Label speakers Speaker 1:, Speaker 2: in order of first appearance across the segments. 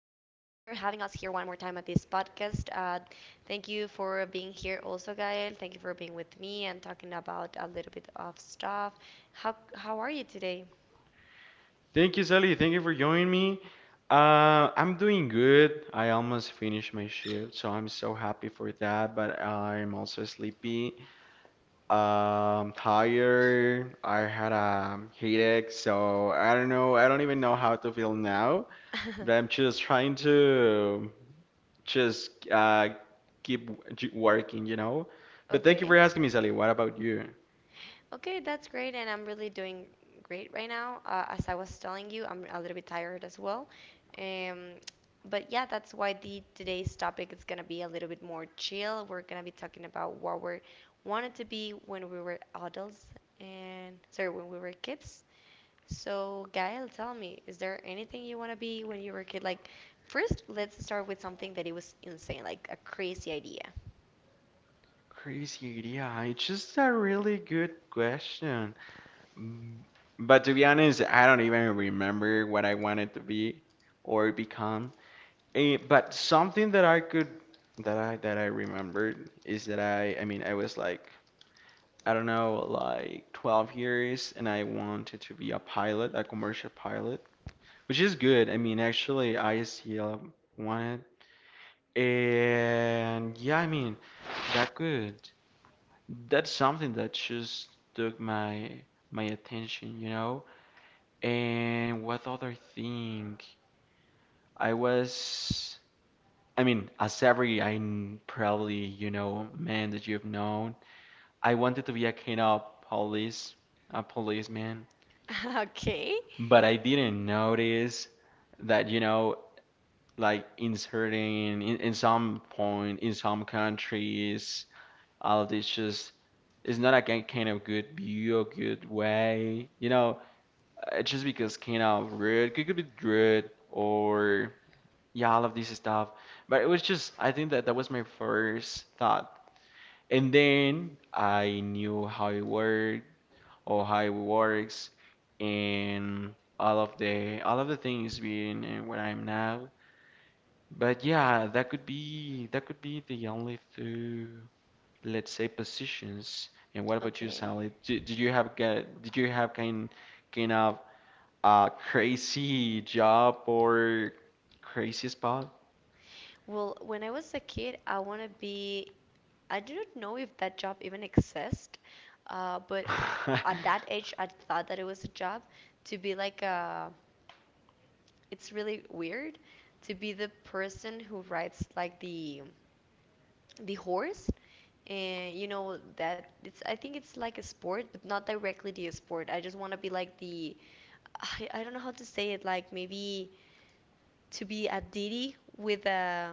Speaker 1: having us here one more time at this podcast. Thank you for being here also, Gael. Thank you for being with me and talking about a little bit of stuff. How are you today?
Speaker 2: Thank you, Sally. Thank you for joining me. I'm doing good. I almost finished my shift, so I'm so happy for that. But I'm also sleepy. Tired. I had a headache, so I don't know. I don't even know how to feel now. But I'm just trying to just keep working, you know. But thank you for
Speaker 1: Okay.
Speaker 2: asking me, Sally. What about you?
Speaker 1: Okay, that's great, and I'm really doing great right now. As I was telling you, I'm a little bit tired as well. Um, but yeah, that's why the today's topic is gonna be a little bit more chill. We're gonna be talking about what we wanted to be when we were adults and sorry, when we were kids. So, Gael, tell me, is there anything you want to be when you were a kid? Like, first, let's start with something that it was insane, like a crazy idea.
Speaker 2: Crazy idea. It's just a really good question. Mm, But to be honest, I don't even remember what I wanted to be or become. But something that I remembered is that I mean I was like I don't know like 12 years and I wanted to be a pilot, a commercial pilot, which is good. I mean actually ISCL wanted and yeah, I mean that could that's something that just took my attention, you know? And what other thing? I was, I mean, as probably you know man that you've known, I wanted to be a kind of police, a policeman,
Speaker 1: Okay.
Speaker 2: but I didn't notice that you know, like in in some point in some countries, all of this just it's not a kind of good view or good way, you know, just because kind of rude, it could be rude or yeah, all of this stuff. But it was just, I think that that was my first thought. And then I knew how it worked or how it works and all of the things being where I'm now. But yeah, that could be the only two, let's say, positions. And what about you,
Speaker 1: Okay.
Speaker 2: Sally? Did you have did you have kind kind of crazy job or crazy spot?
Speaker 1: Well, when I was a kid, I want to be. I didn't know if that job even exists, but I, at that age, I thought that it was a job to be like a. It's really weird to be the person who rides like the horse, and you know that it's. I think it's like a sport, but not directly the sport. I just want to be like the. I don't know how to say it. Like maybe to be a deity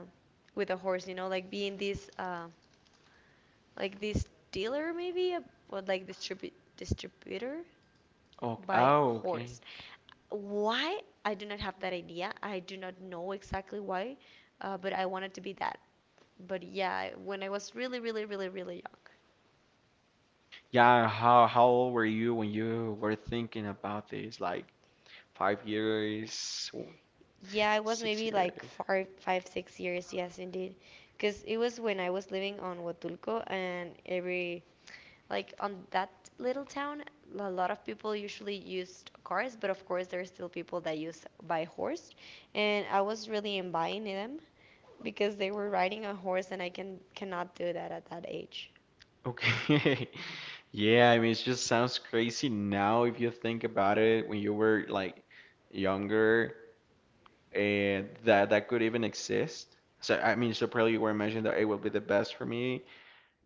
Speaker 1: with a horse. You know, like being this. Like this dealer maybe, or like distributor
Speaker 2: Oh,
Speaker 1: by
Speaker 2: oh, okay.
Speaker 1: horse why I do not have that idea I do not know exactly why but I wanted to be that but yeah when I was really really really really young
Speaker 2: Yeah, how old were you when you were thinking about this? Like five years, or
Speaker 1: yeah I was
Speaker 2: six
Speaker 1: maybe like
Speaker 2: years.
Speaker 1: five six years yes indeed because it was when I was living on Huatulco and every like on that little town, a lot of people usually used cars, but of course there are still people that use by horse, and I was really embodying them because they were riding a horse, and I cannot do that at that age.
Speaker 2: Okay. Yeah, I mean, it just sounds crazy now if you think about it. When you were like younger, and that that could even exist. So I mean, so probably you were imagining that it would be the best for me,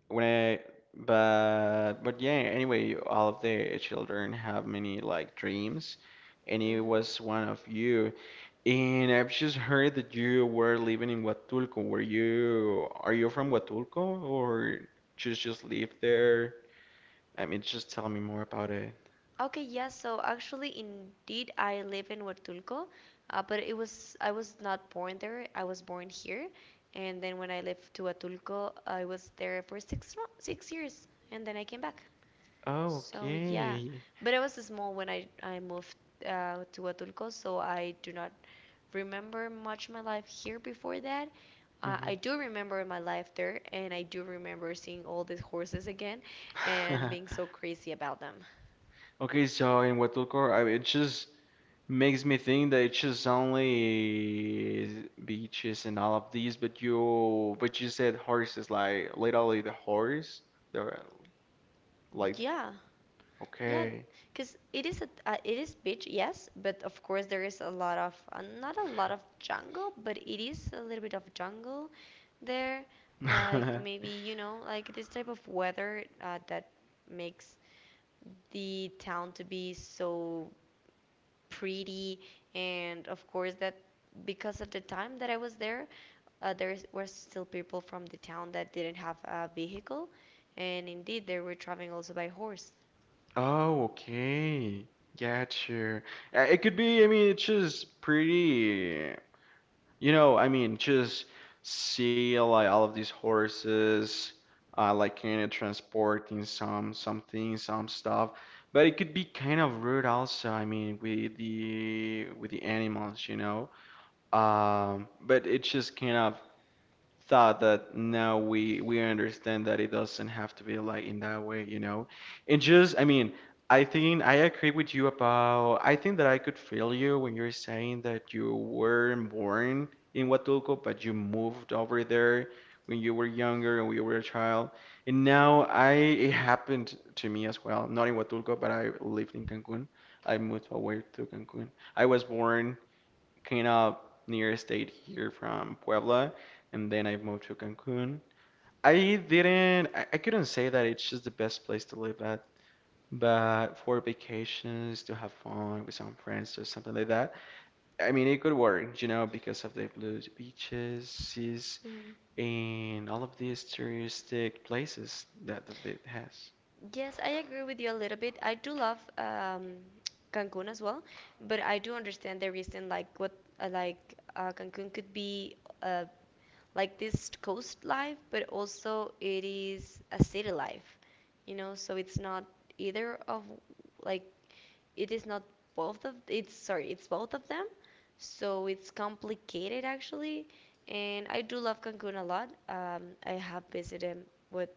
Speaker 2: When I, but yeah. Anyway, all of the children have many like dreams, and it
Speaker 1: Mm-hmm.
Speaker 2: was one of you. And I've just heard that you were living in Huatulco. Were you, are you from Huatulco or just live there? I mean, just tell me more about it.
Speaker 1: Okay, yeah, so actually, indeed, I live in Huatulco, but it was I was not born there. I was born here, and then when I lived to Huatulco, I was there for six years, and then I came back.
Speaker 2: Oh,
Speaker 1: So yeah,
Speaker 2: okay.
Speaker 1: but I was small when I moved to Atulco, so I do not remember much my life here before that. I do remember my life there, and I do remember seeing all these horses again and
Speaker 2: hmm
Speaker 1: being so crazy about them.
Speaker 2: Okay, so in Huatulco, it just makes me think that it's just only beaches and all of these, but you said horses, like literally the horse. They're like
Speaker 1: Yeah, yeah,
Speaker 2: okay.
Speaker 1: because it is a it is beach, yes, but of course there is a lot of not a lot of jungle, but it is a little bit of jungle there. Like maybe you know, like this type of weather that makes the town to be so pretty, and of course that because of the time that I was there, were still people from the town that didn't have a vehicle, and indeed they were traveling also by horse.
Speaker 2: Oh, okay. Gotcha. It could be, I mean, it's just pretty. You know, I mean, just see like all of these horses, like kind of transporting some things, some stuff. But it could be kind of rude also. I mean, with the animals, you know. But it's just kind of thought that now we understand that it doesn't have to be like in that way, you know. And just, I mean, I think I agree with you about. I think that I could feel you when you're saying that you weren't born in Huatulco, but you moved over there when you were younger and when you were a child. And now I it happened to me as well. Not in Huatulco, but I lived in Cancun. I moved away to Cancun. I was born kind of near state here from Puebla, and then I moved to Cancun. I didn't, I couldn't say that it's just the best place to live at, but for vacations, to have fun with some friends or something like that. I mean, it could work, you know, because of the blue beaches, seas, and all of these touristic places that it has.
Speaker 1: Yes, I agree with you a little bit. I do love Cancun as well, but I do understand the reason, like what, like Cancun could be uh, like this coast life, but also it is a city life, you know. So it's not either of, like it is not both of. It's sorry, it's both of them. So it's complicated actually, and I do love Cancun a lot. I have visited with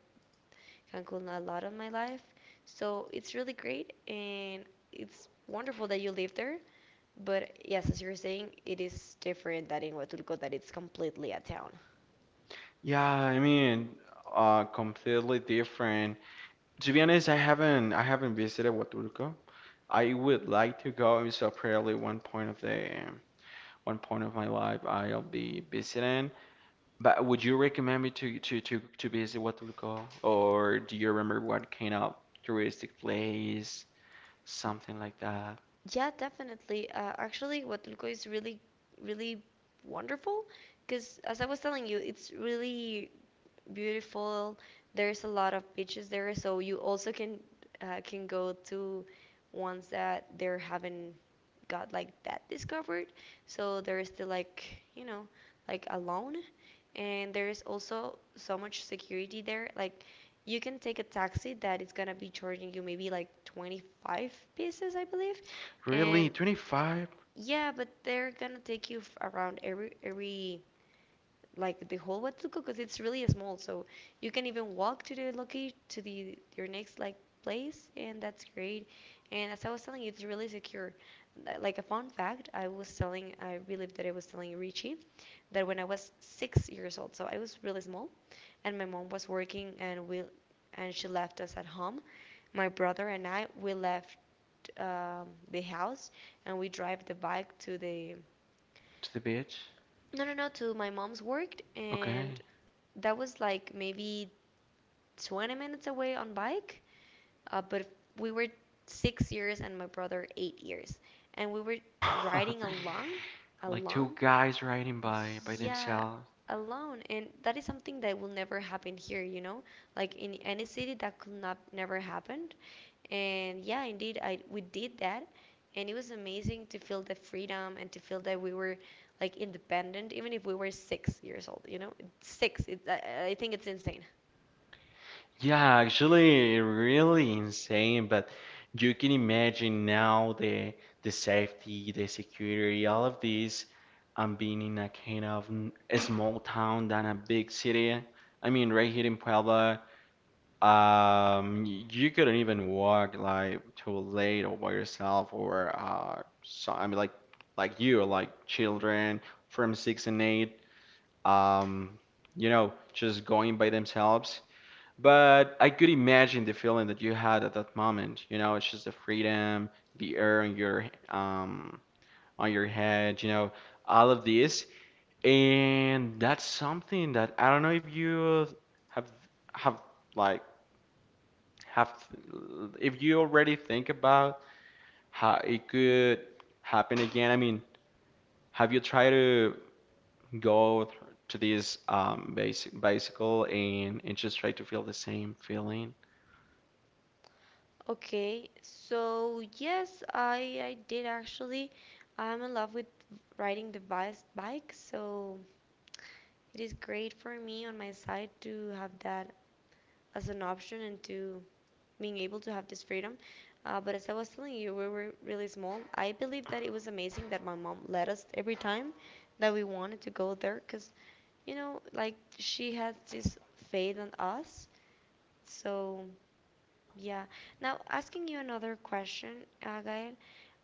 Speaker 1: Cancun a lot of my life. So it's really great and it's wonderful that you live there. But yes, as you were saying, it is different than in Huatulco that it's completely a town.
Speaker 2: Yeah, I mean, completely different. To be honest, I haven't visited Huatulco. I would like to go. It's so probably one point of my life I'll be visiting. But would you recommend me to to visit Huatulco, or do you remember what kind of touristic place, something like that?
Speaker 1: Yeah, definitely. Actually, Huatulco is really, really wonderful because, as I was telling you, it's really beautiful. There's a lot of beaches there, so you also can go to ones that they haven't got like that discovered. So there's the like you know like alone, and there is also so much security there. Like you can take a taxi that is gonna be charging you maybe like 25 pesos, I believe,
Speaker 2: Really,
Speaker 1: and
Speaker 2: 25
Speaker 1: yeah, but they're gonna take you around every like the whole Watsuko because it's really small. So you can even walk to the location to the your next like place, and that's great. And as I was telling you, it's really secure. Like a fun fact, I was telling, I believe that I was telling Richie that when I was 6 years old, so I was really small, and my mom was working, and we and she left us at home. My brother and I we left the house and we drive the bike to the
Speaker 2: to the beach?
Speaker 1: no no no to my mom's work and
Speaker 2: Okay.
Speaker 1: that was like maybe 20 minutes away on bike. But we were 6 years and my brother 8 years, and we were riding alone,
Speaker 2: Like
Speaker 1: alone.
Speaker 2: two guys riding by
Speaker 1: Yeah,
Speaker 2: themselves.
Speaker 1: alone, and that is something that will never happen here. You know, like in any city that could not never happened. And yeah, indeed, I we did that, and it was amazing to feel the freedom and to feel that we were like independent, even if we were 6 years old. You know, six. It, I think it's insane.
Speaker 2: Yeah, actually, really insane. But you can imagine now the safety, the security, all of these. I'm being in a kind of a small town than a big city. I mean, right here in Puebla, you couldn't even walk like too late or by yourself or so I mean like you like children from six and eight. Um, you know, just going by themselves, but I could imagine the feeling that you had at that moment. You know, it's just the freedom, the air on your head, you know, all of this. And that's something that I don't know if you have have like have if you already think about how it could happen again. I mean, have you tried to go th- to this basic bicycle and just try to feel the same feeling?
Speaker 1: Okay, so yes, I did actually. I'm in love with riding the bice bike, so it is great for me on my side to have that as an option and to being able to have this freedom. But as I was telling you, we were really small. I believe that it was amazing that my mom let us every time that we wanted to go there, because you know, like she has this faith on us, so. Yeah. Now, asking you another question, Gael,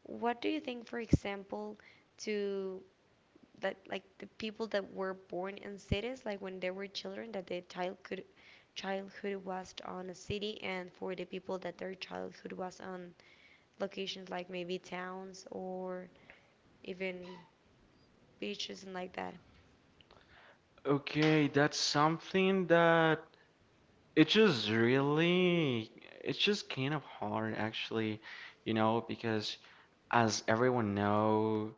Speaker 1: what do you think, for example, to that like the people that were born in cities, like when they were children, that their childhood was on a city, and for the people that their childhood was on locations like maybe towns or even beaches and like that.
Speaker 2: Okay, that's something that it's just really, it's just kind of hard actually, you know, because as everyone know,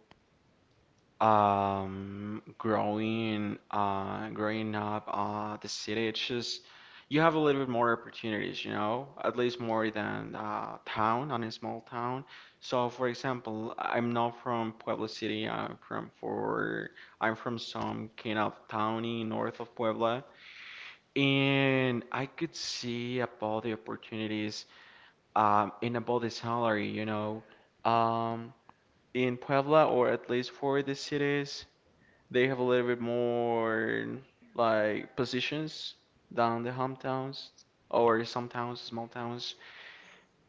Speaker 2: growing up, the city, it's just you have a little bit more opportunities, you know, at least more than on a small town. So, for example, I'm not from Puebla City. I'm from some kind of towny north of Puebla. And I could see about the opportunities and about the salary, you know. Um, in Puebla, or at least for the cities, they have a little bit more like positions down the hometowns or some towns, small towns.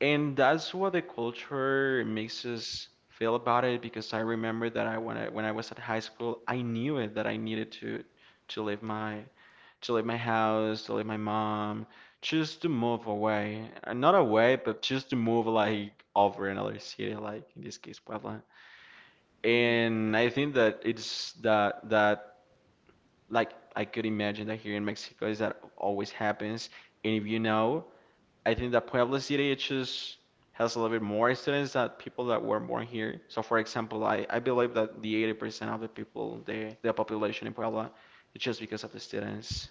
Speaker 2: And that's what the culture makes us feel about it because I remember that when I was at high school, I knew it that I needed to leave my to leave my house, to leave my mom, just to move away. Not away, but just to move like over another city, like in this case Puebla.
Speaker 1: Hmm.
Speaker 2: And I think that it's that that like I could imagine that here in Mexico is that always happens. And if you know, I think that Puebla City it just has a little bit more students than people that were born here. So for example, I believe that the 80% of the people, the population in Puebla, it's just because of the students.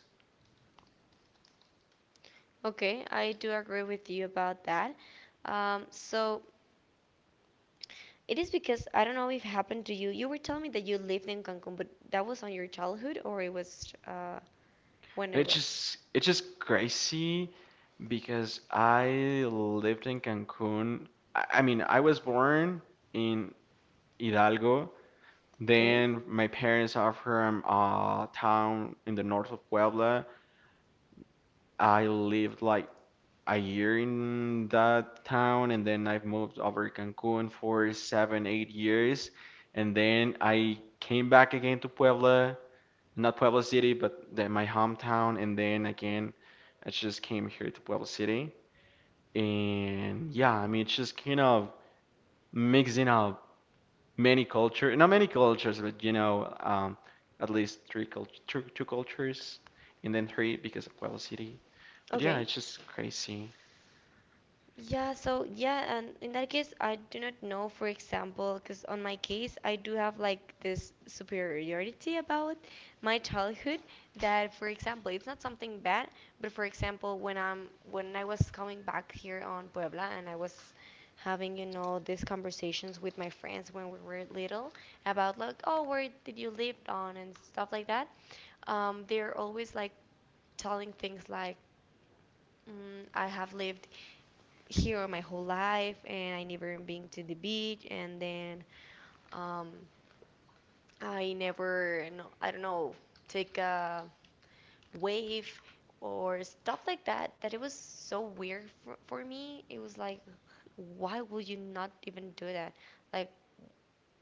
Speaker 1: Okay, I do agree with you about that. So it is because I don't know if it happened to you. You were telling me that you lived in Cancun, but that was on your childhood or it was when
Speaker 2: And
Speaker 1: it
Speaker 2: it's
Speaker 1: was.
Speaker 2: just it's just crazy because I lived in Cancun. I mean, I was born in Hidalgo.
Speaker 1: Okay.
Speaker 2: Then my parents are from a town in the north of Puebla. I lived like a year in that town, and then I've moved over to Cancun for seven, eight years, and then I came back again to Puebla, not Pueblo City, but my hometown. And then again, I just came here to Pueblo City. And yeah, I mean, it's just kind of mixing up many cultures, not many cultures, but you know, at least three cult two, two cultures, and then three because of Pueblo City. But yeah,
Speaker 1: Okay.
Speaker 2: it's just crazy.
Speaker 1: Yeah, so yeah, and in that case, I do not know, for example, because on my case, I do have like this superiority about my childhood that, for example, it's not something bad, but for example, when I'm when I was coming back here on Puebla and I was having, you know, these conversations with my friends when we were little about like, oh, where did you live on and stuff like that, they're always like telling things like mm, I have lived here my whole life and I never been to the beach and then um, I never no, I don't know take a wave or stuff like that that it was so weird for me it was like why would you not even do that like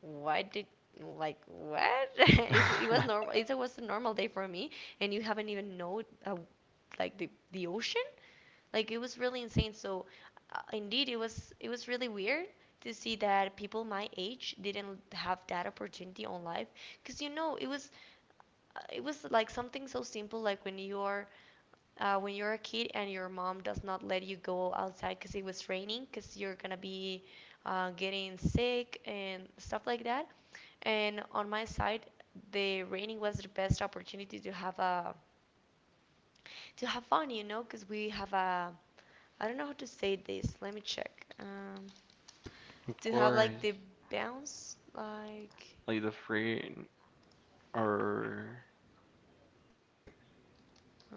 Speaker 1: why did like what it was normal it was a normal day for me and you haven't even know like the the ocean. Like it was really insane. So indeed, it was really weird to see that people my age didn't have that opportunity on life because you know it was like something so simple like when you're a kid and your mom does not let you go outside because it was raining because you're gonna be getting sick and stuff like that and on my side the raining was the best opportunity to have a to have fun, you know, because we have a, I don't know how to say this. Let me check.
Speaker 2: Of
Speaker 1: To have like
Speaker 2: course,
Speaker 1: the bounce, like,
Speaker 2: like the free or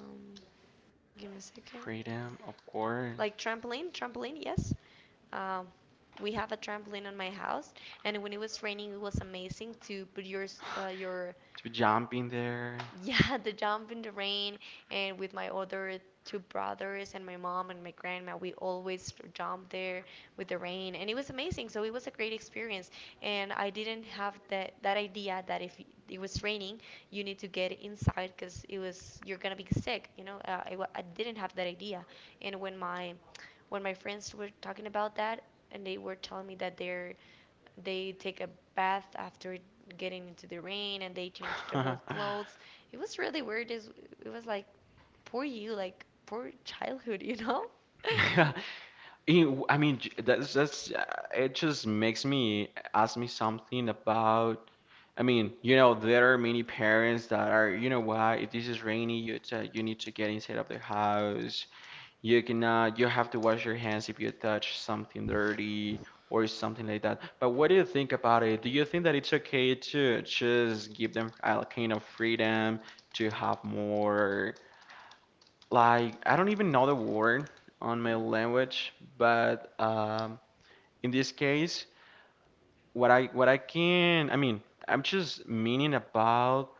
Speaker 1: um, give me a second.
Speaker 2: freedom, of course,
Speaker 1: Like trampoline, trampoline, yes. Um, we have a trampoline on my house, and when it was raining, it was amazing to put your
Speaker 2: to be jumping there.
Speaker 1: yeah, the jump in the rain, and with my other two brothers and my mom and my grandma, we always jump there with the rain, and it was amazing. So it was a great experience, and I didn't have that idea that if it was raining, you need to get inside because it was you're gonna be sick. You know, I didn't have that idea, and when my friends were talking about that, and they were telling me that they're they take a bath after getting into the rain and they change their whole clothes it was really weird. Is it was like poor you, like poor childhood, you know?
Speaker 2: I mean, that's it just makes me ask me something about. I mean, you know, there are many parents that are, you know what, if this is rainy, you need to get inside of the house. You cannot, you have to wash your hands if you touch something dirty or something like that. But what do you think about it? Do you think that it's okay to just give them a kind of freedom to have more? Like I don't even know the word on my language, but in this case, what I can, I mean, I'm just meaning about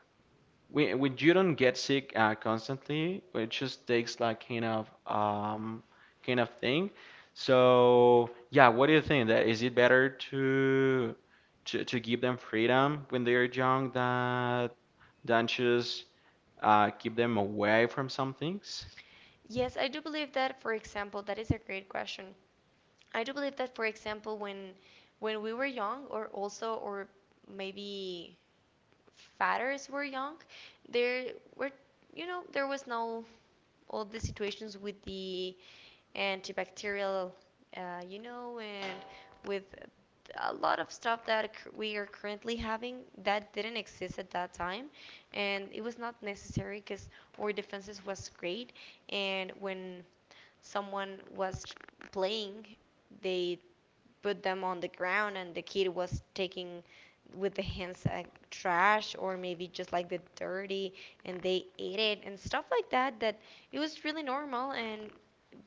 Speaker 2: when you don't get sick constantly, it just takes like kind of thing. So yeah, what do you think? That is it better to give them freedom when they are young that than just keep them away from some things?
Speaker 1: Yes, I do believe that. For example, that is a great question. I do believe that, for example, when we were young, or maybe fathers were young, there were, there was no all the situations with the antibacterial, you know, and with a lot of stuff that we are currently having that didn't exist at that time, and it was not necessary because our defenses was great. And when someone was playing, they put them on the ground and the kid was taking with the hands like trash or maybe just like the dirty, and they ate it and stuff like that. That it was really normal, and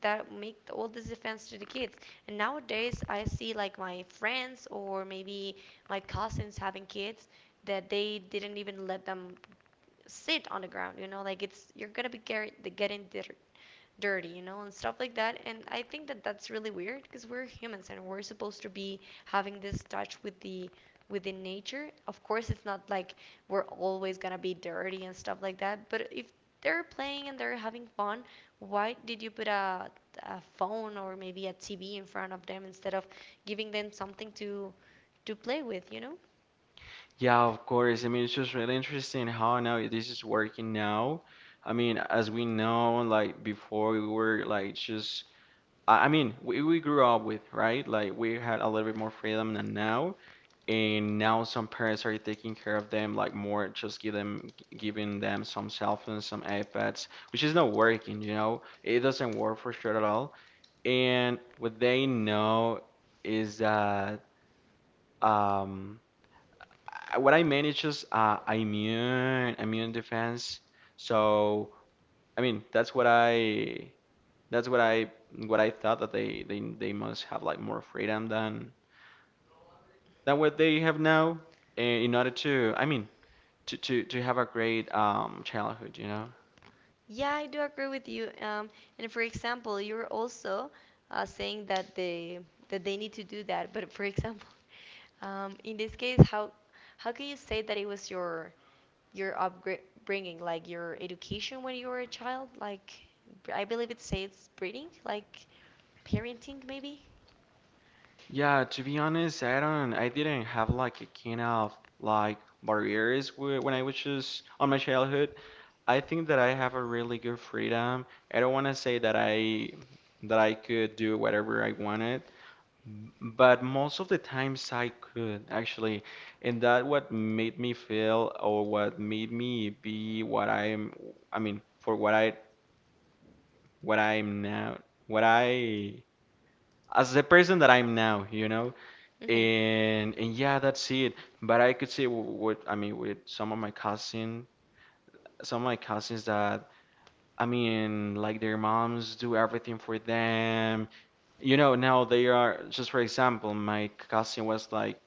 Speaker 1: that make all this offense to the kids. And nowadays I see like my friends or maybe my cousins having kids that they didn't even let them sit on the ground. You know, like it's you're gonna be dirty, you know, and stuff like that. And I think that that's really weird because we're humans and we're supposed to be having this touch with the within nature. Of course, it's not like we're always gonna be dirty and stuff like that. But if they're playing and they're having fun, why did you put a phone or maybe a TV in front of them instead of giving them something to play with? You know?
Speaker 2: Yeah, of course. I mean, it's just really interesting how now this is working now. I mean, as we know, like before we were like just, I mean, we grew up with, right? Like we had a little bit more freedom than now. And now some parents are taking care of them, like more just giving them some cell phones, some iPads, which is not working, you know? It doesn't work for sure at all. And what they know is that, um, what I manage is immune immune defense. So I mean that's what I thought that they must have like more freedom than what they have now in order to, to have a great childhood, you know.
Speaker 1: Yeah, I do agree with you. And for example, you're also saying that they need to do that. But for example, in this case, how can you say that it was your upbringing, like your education when you were a child? Like I believe it says breeding, like parenting, maybe.
Speaker 2: Yeah, to be honest, I didn't have like a kind of like barriers when I was just on my childhood. I think that I have a really good freedom. I don't want to say that I could do whatever I wanted, but most of the times I could actually, and that what made me feel or what made me be what I'm, for what I'm now, what I as the person that I'm now, you know?
Speaker 1: Mhm.
Speaker 2: And yeah, that's it. But I could say with, with some of my cousins that, like their moms do everything for them. You know, now they are, just for example, my cousin was like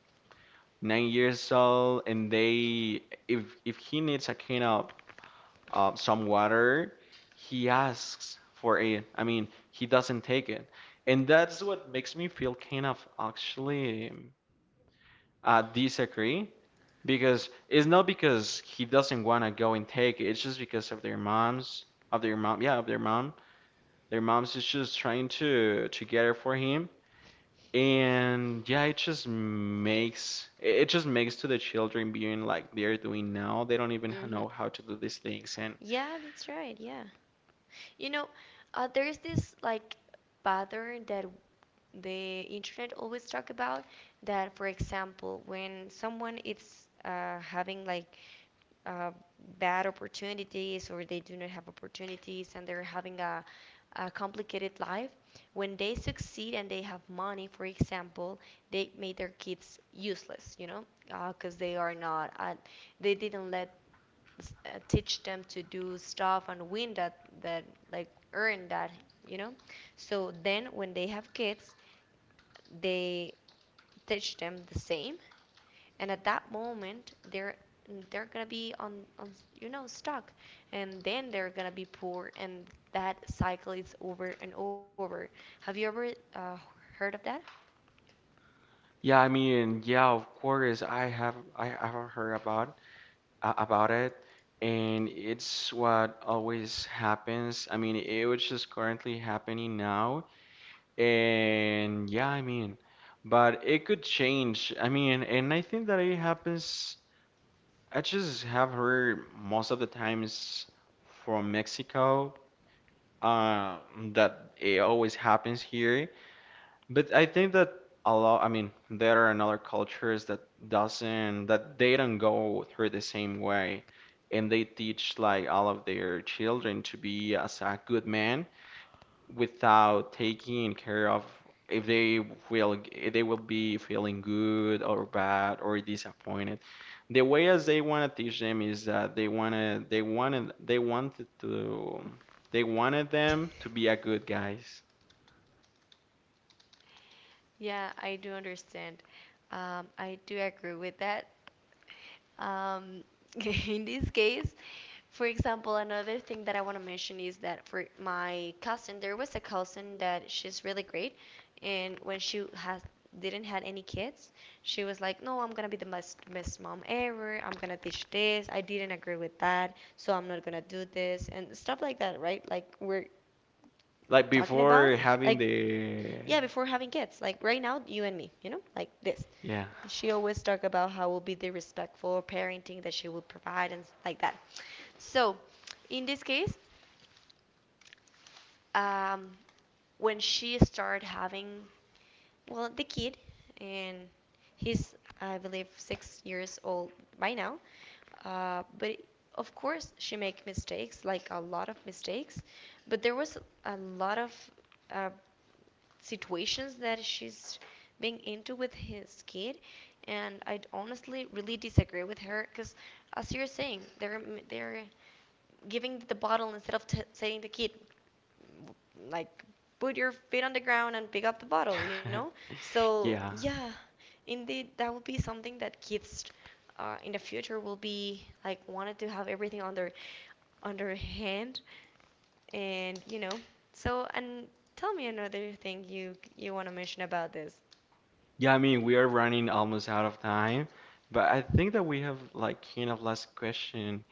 Speaker 2: 9 years old, and they, if he needs a can of some water, he asks for it. I mean, he doesn't take it, and that's what makes me feel kind of actually disagree, because it's not because he doesn't want to go and take it. It's just because of their moms, of their mom, yeah, of their mom. Their moms is just trying to get it for him, and yeah, it just makes to the children being like they're doing now. They don't even
Speaker 1: Mhm.
Speaker 2: know how to do these things. And
Speaker 1: Yeah, that's right. Yeah. You know, there's this like pattern that the internet always talk about. That, for example, when someone is having like uh, bad opportunities, or they do not have opportunities and they're having a complicated life, when they succeed and they have money, for example, they made their kids useless, you know, because they are not. They didn't let teach them to do stuff and win that like earn that, you know. So then when they have kids, they teach them the same, and at that moment they're gonna be on you know stuck, and then they're gonna be poor and that cycle is over and over. Have you ever uh, heard of that?
Speaker 2: yeah, of course, I haven't heard about it. And it's what always happens. I mean, it was just currently happening now. And yeah, I mean, but it could change. I mean, and I think that it happens. I just have heard most of the times from Mexico, uh, that it always happens here. But I think that I mean, there are another cultures that doesn't, that they don't go through the same way. And they teach like all of their children to be as a good man, without taking care of if they will, if they will be feeling good or bad or disappointed. The way as they want to teach them is that they wanna they wanted to they wanted them to be a good guys.
Speaker 1: Yeah, I do understand. I do agree with that. Um, in this case, for example, another thing that I want to mention is that for my cousin, there was a cousin that she's really great, and when she has didn't had any kids, she was like, "No, I'm going to be the best, best mom ever. I'm going to teach this. I didn't agree with that. So I'm not going to do this." And stuff like that, right? Like, we're
Speaker 2: Like
Speaker 1: talking about.
Speaker 2: before having
Speaker 1: Like,
Speaker 2: the
Speaker 1: yeah, before having kids. Like, right now, you and me, you know? Like this.
Speaker 2: yeah.
Speaker 1: She always talk about how will be the respectful parenting that she will provide and like that. So, in this case, um, when she started having, well, the kid, and he's, I believe, 6 years old by now. But of course, she make mistakes, like a lot of mistakes. But there was a lot of uh, situations that she's being into with his kid, and I honestly really disagree with her because as you're saying they're giving the bottle instead of saying the kid like, put your feet on the ground and pick up the bottle, you know? So,
Speaker 2: Yeah.
Speaker 1: yeah, indeed, that will be something that kids in the future will be like wanted to have everything on their hand, and you know. So, and tell me another thing you want to mention about this.
Speaker 2: Yeah, I mean, we are running almost out of time, but I think that we have like kind of last question.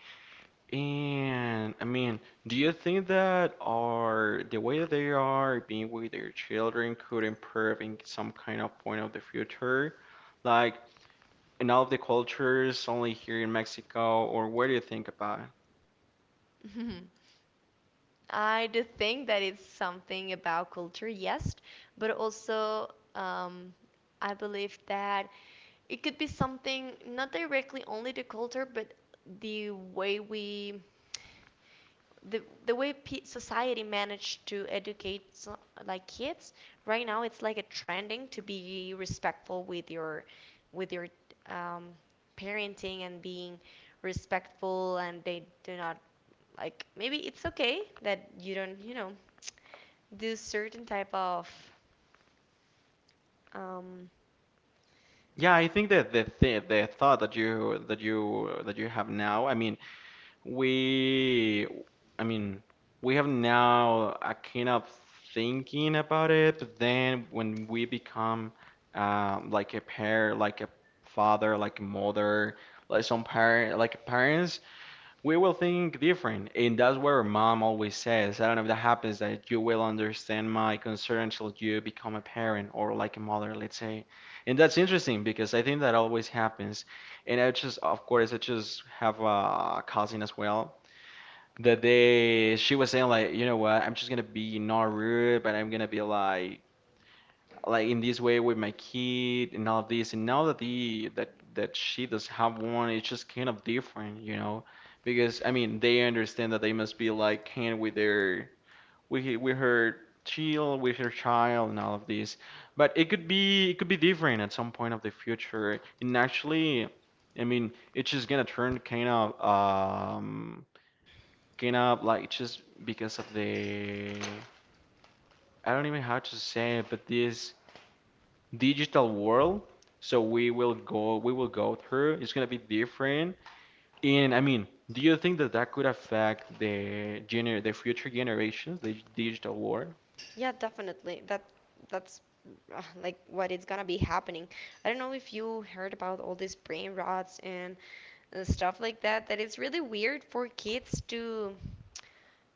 Speaker 2: And I mean, do you think that our the way that they are being with their children could improve in some kind of point of the future? Like in all of the cultures, only here in Mexico, or what do you think about it?
Speaker 1: I do think that it's something about culture, yes, but also I believe that it could be something not directly only the culture, but the way we the way pe society managed to educate so, like kids right now it's like a trending to be respectful with your um, parenting and being respectful, and they do not like, maybe it's okay that you don't, you know, do certain type of um,
Speaker 2: Yeah, I think that the thought that you that you that you have now, I mean, we, i mean we have now a kind of thinking about it. But then when we become like a pair, like a father, like a mother, like some parent, like parents, we will think different. And that's where mom always says, I don't know if that happens, that you will understand my concern until you become a parent or like a mother, let's say. And that's interesting, because I think that always happens. And I just, of course, I just have a cousin as well that, they she was saying like, you know what, I'm just gonna be not rude, but I'm gonna be like in this way with my kid and all of this. And now that, the that that she does have one, it's just kind of different, you know, because I mean they understand that they must be like kind with their, with he- with her with her child and all of this. But it could be, it could be different at some point of the future. And actually, I mean, it's just gonna turn kind of um kinda, like just because of the, I don't even know how to say it, but this digital world. So we will go through. It's gonna be different. And I mean, do you think that that could affect the gener the future generations, the digital world?
Speaker 1: Yeah, definitely. That that's like what is gonna be happening. I don't know if you heard about all these brain rots and stuff like that. That it's really weird for kids to,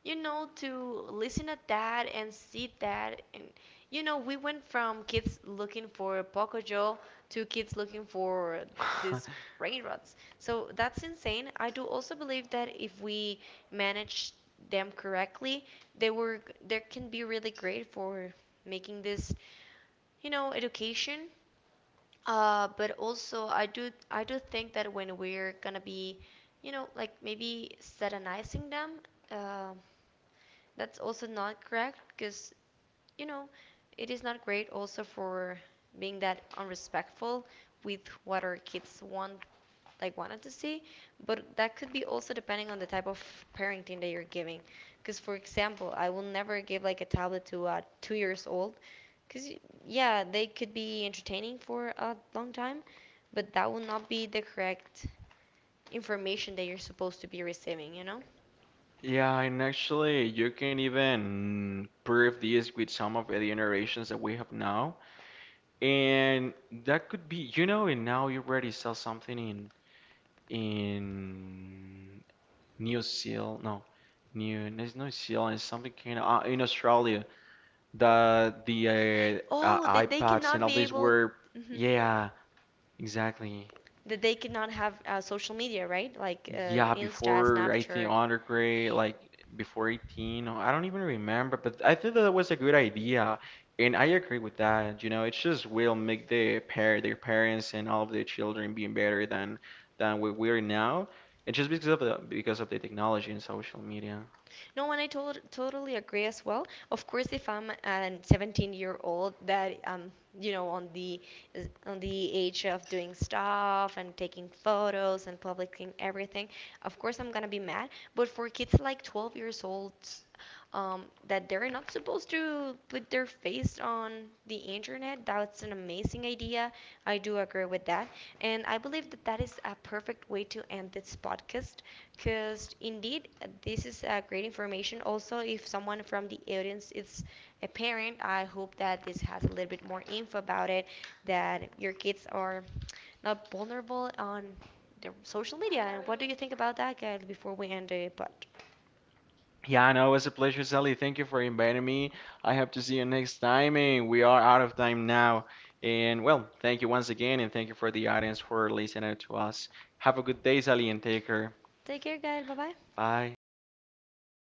Speaker 1: you know, to listen to that and see that. And you know, we went from kids looking for Pocoyo to kids looking for these brain rots. So that's insane. I do also believe that if we manage them correctly, they were they can be really great for making this, you know, education. But also I do think that when we're gonna be, you know, like maybe satanizing them, um that's also not correct because, you know, it is not great also for being that unrespectful with what our kids want, like wanted to see. But that could be also depending on the type of parenting that you're giving, because for example I will never give like a tablet to a 2 years old because yeah they could be entertaining for a long time, but that will not be the correct information that you're supposed to be receiving, you know.
Speaker 2: Yeah, and actually, you can even prove this with some of the generations that we have now, and that could be, you know, and now you already sell something in New Zealand, no, New, there's no Zealand, it's something kind of, in Australia, the
Speaker 1: Oh, that they
Speaker 2: iPads and
Speaker 1: cannot
Speaker 2: all
Speaker 1: be
Speaker 2: these
Speaker 1: able.
Speaker 2: were,
Speaker 1: Mhm.
Speaker 2: yeah, exactly,
Speaker 1: That they could not have social media, right? Like
Speaker 2: yeah,
Speaker 1: Insta,
Speaker 2: before I think
Speaker 1: Snapchat.
Speaker 2: undergrad, like before 18, or I don't even remember, but I think that was a good idea, and I agree with that. You know, it just will make their parents and all of their children being better than where we're now, and just because of the, because of the technology and social media.
Speaker 1: No, and I totally agree as well. Of course, if I'm a 17-year-old that you know on the is on the age of doing stuff and taking photos and publishing everything, of course I'm gonna be mad. But for kids like 12 years old, that they're not supposed to put their face on the internet, that's an amazing idea. I do agree with that, and I believe that that is a perfect way to end this podcast, because indeed this is great information. Also, if someone from the audience is a parent, I hope that this has a little bit more info about it, that your kids are not vulnerable on the social media. And what do you think about that, guys, before we end the pod?
Speaker 2: Yeah, I know. It was a pleasure, Sally. Thank you for inviting me. I hope to see you next time, and we are out of time now. And well, thank you once again, and thank you for the audience for listening to us. Have a good day, Sally, and take care.
Speaker 1: Take care, guys. Bye bye.
Speaker 2: Bye.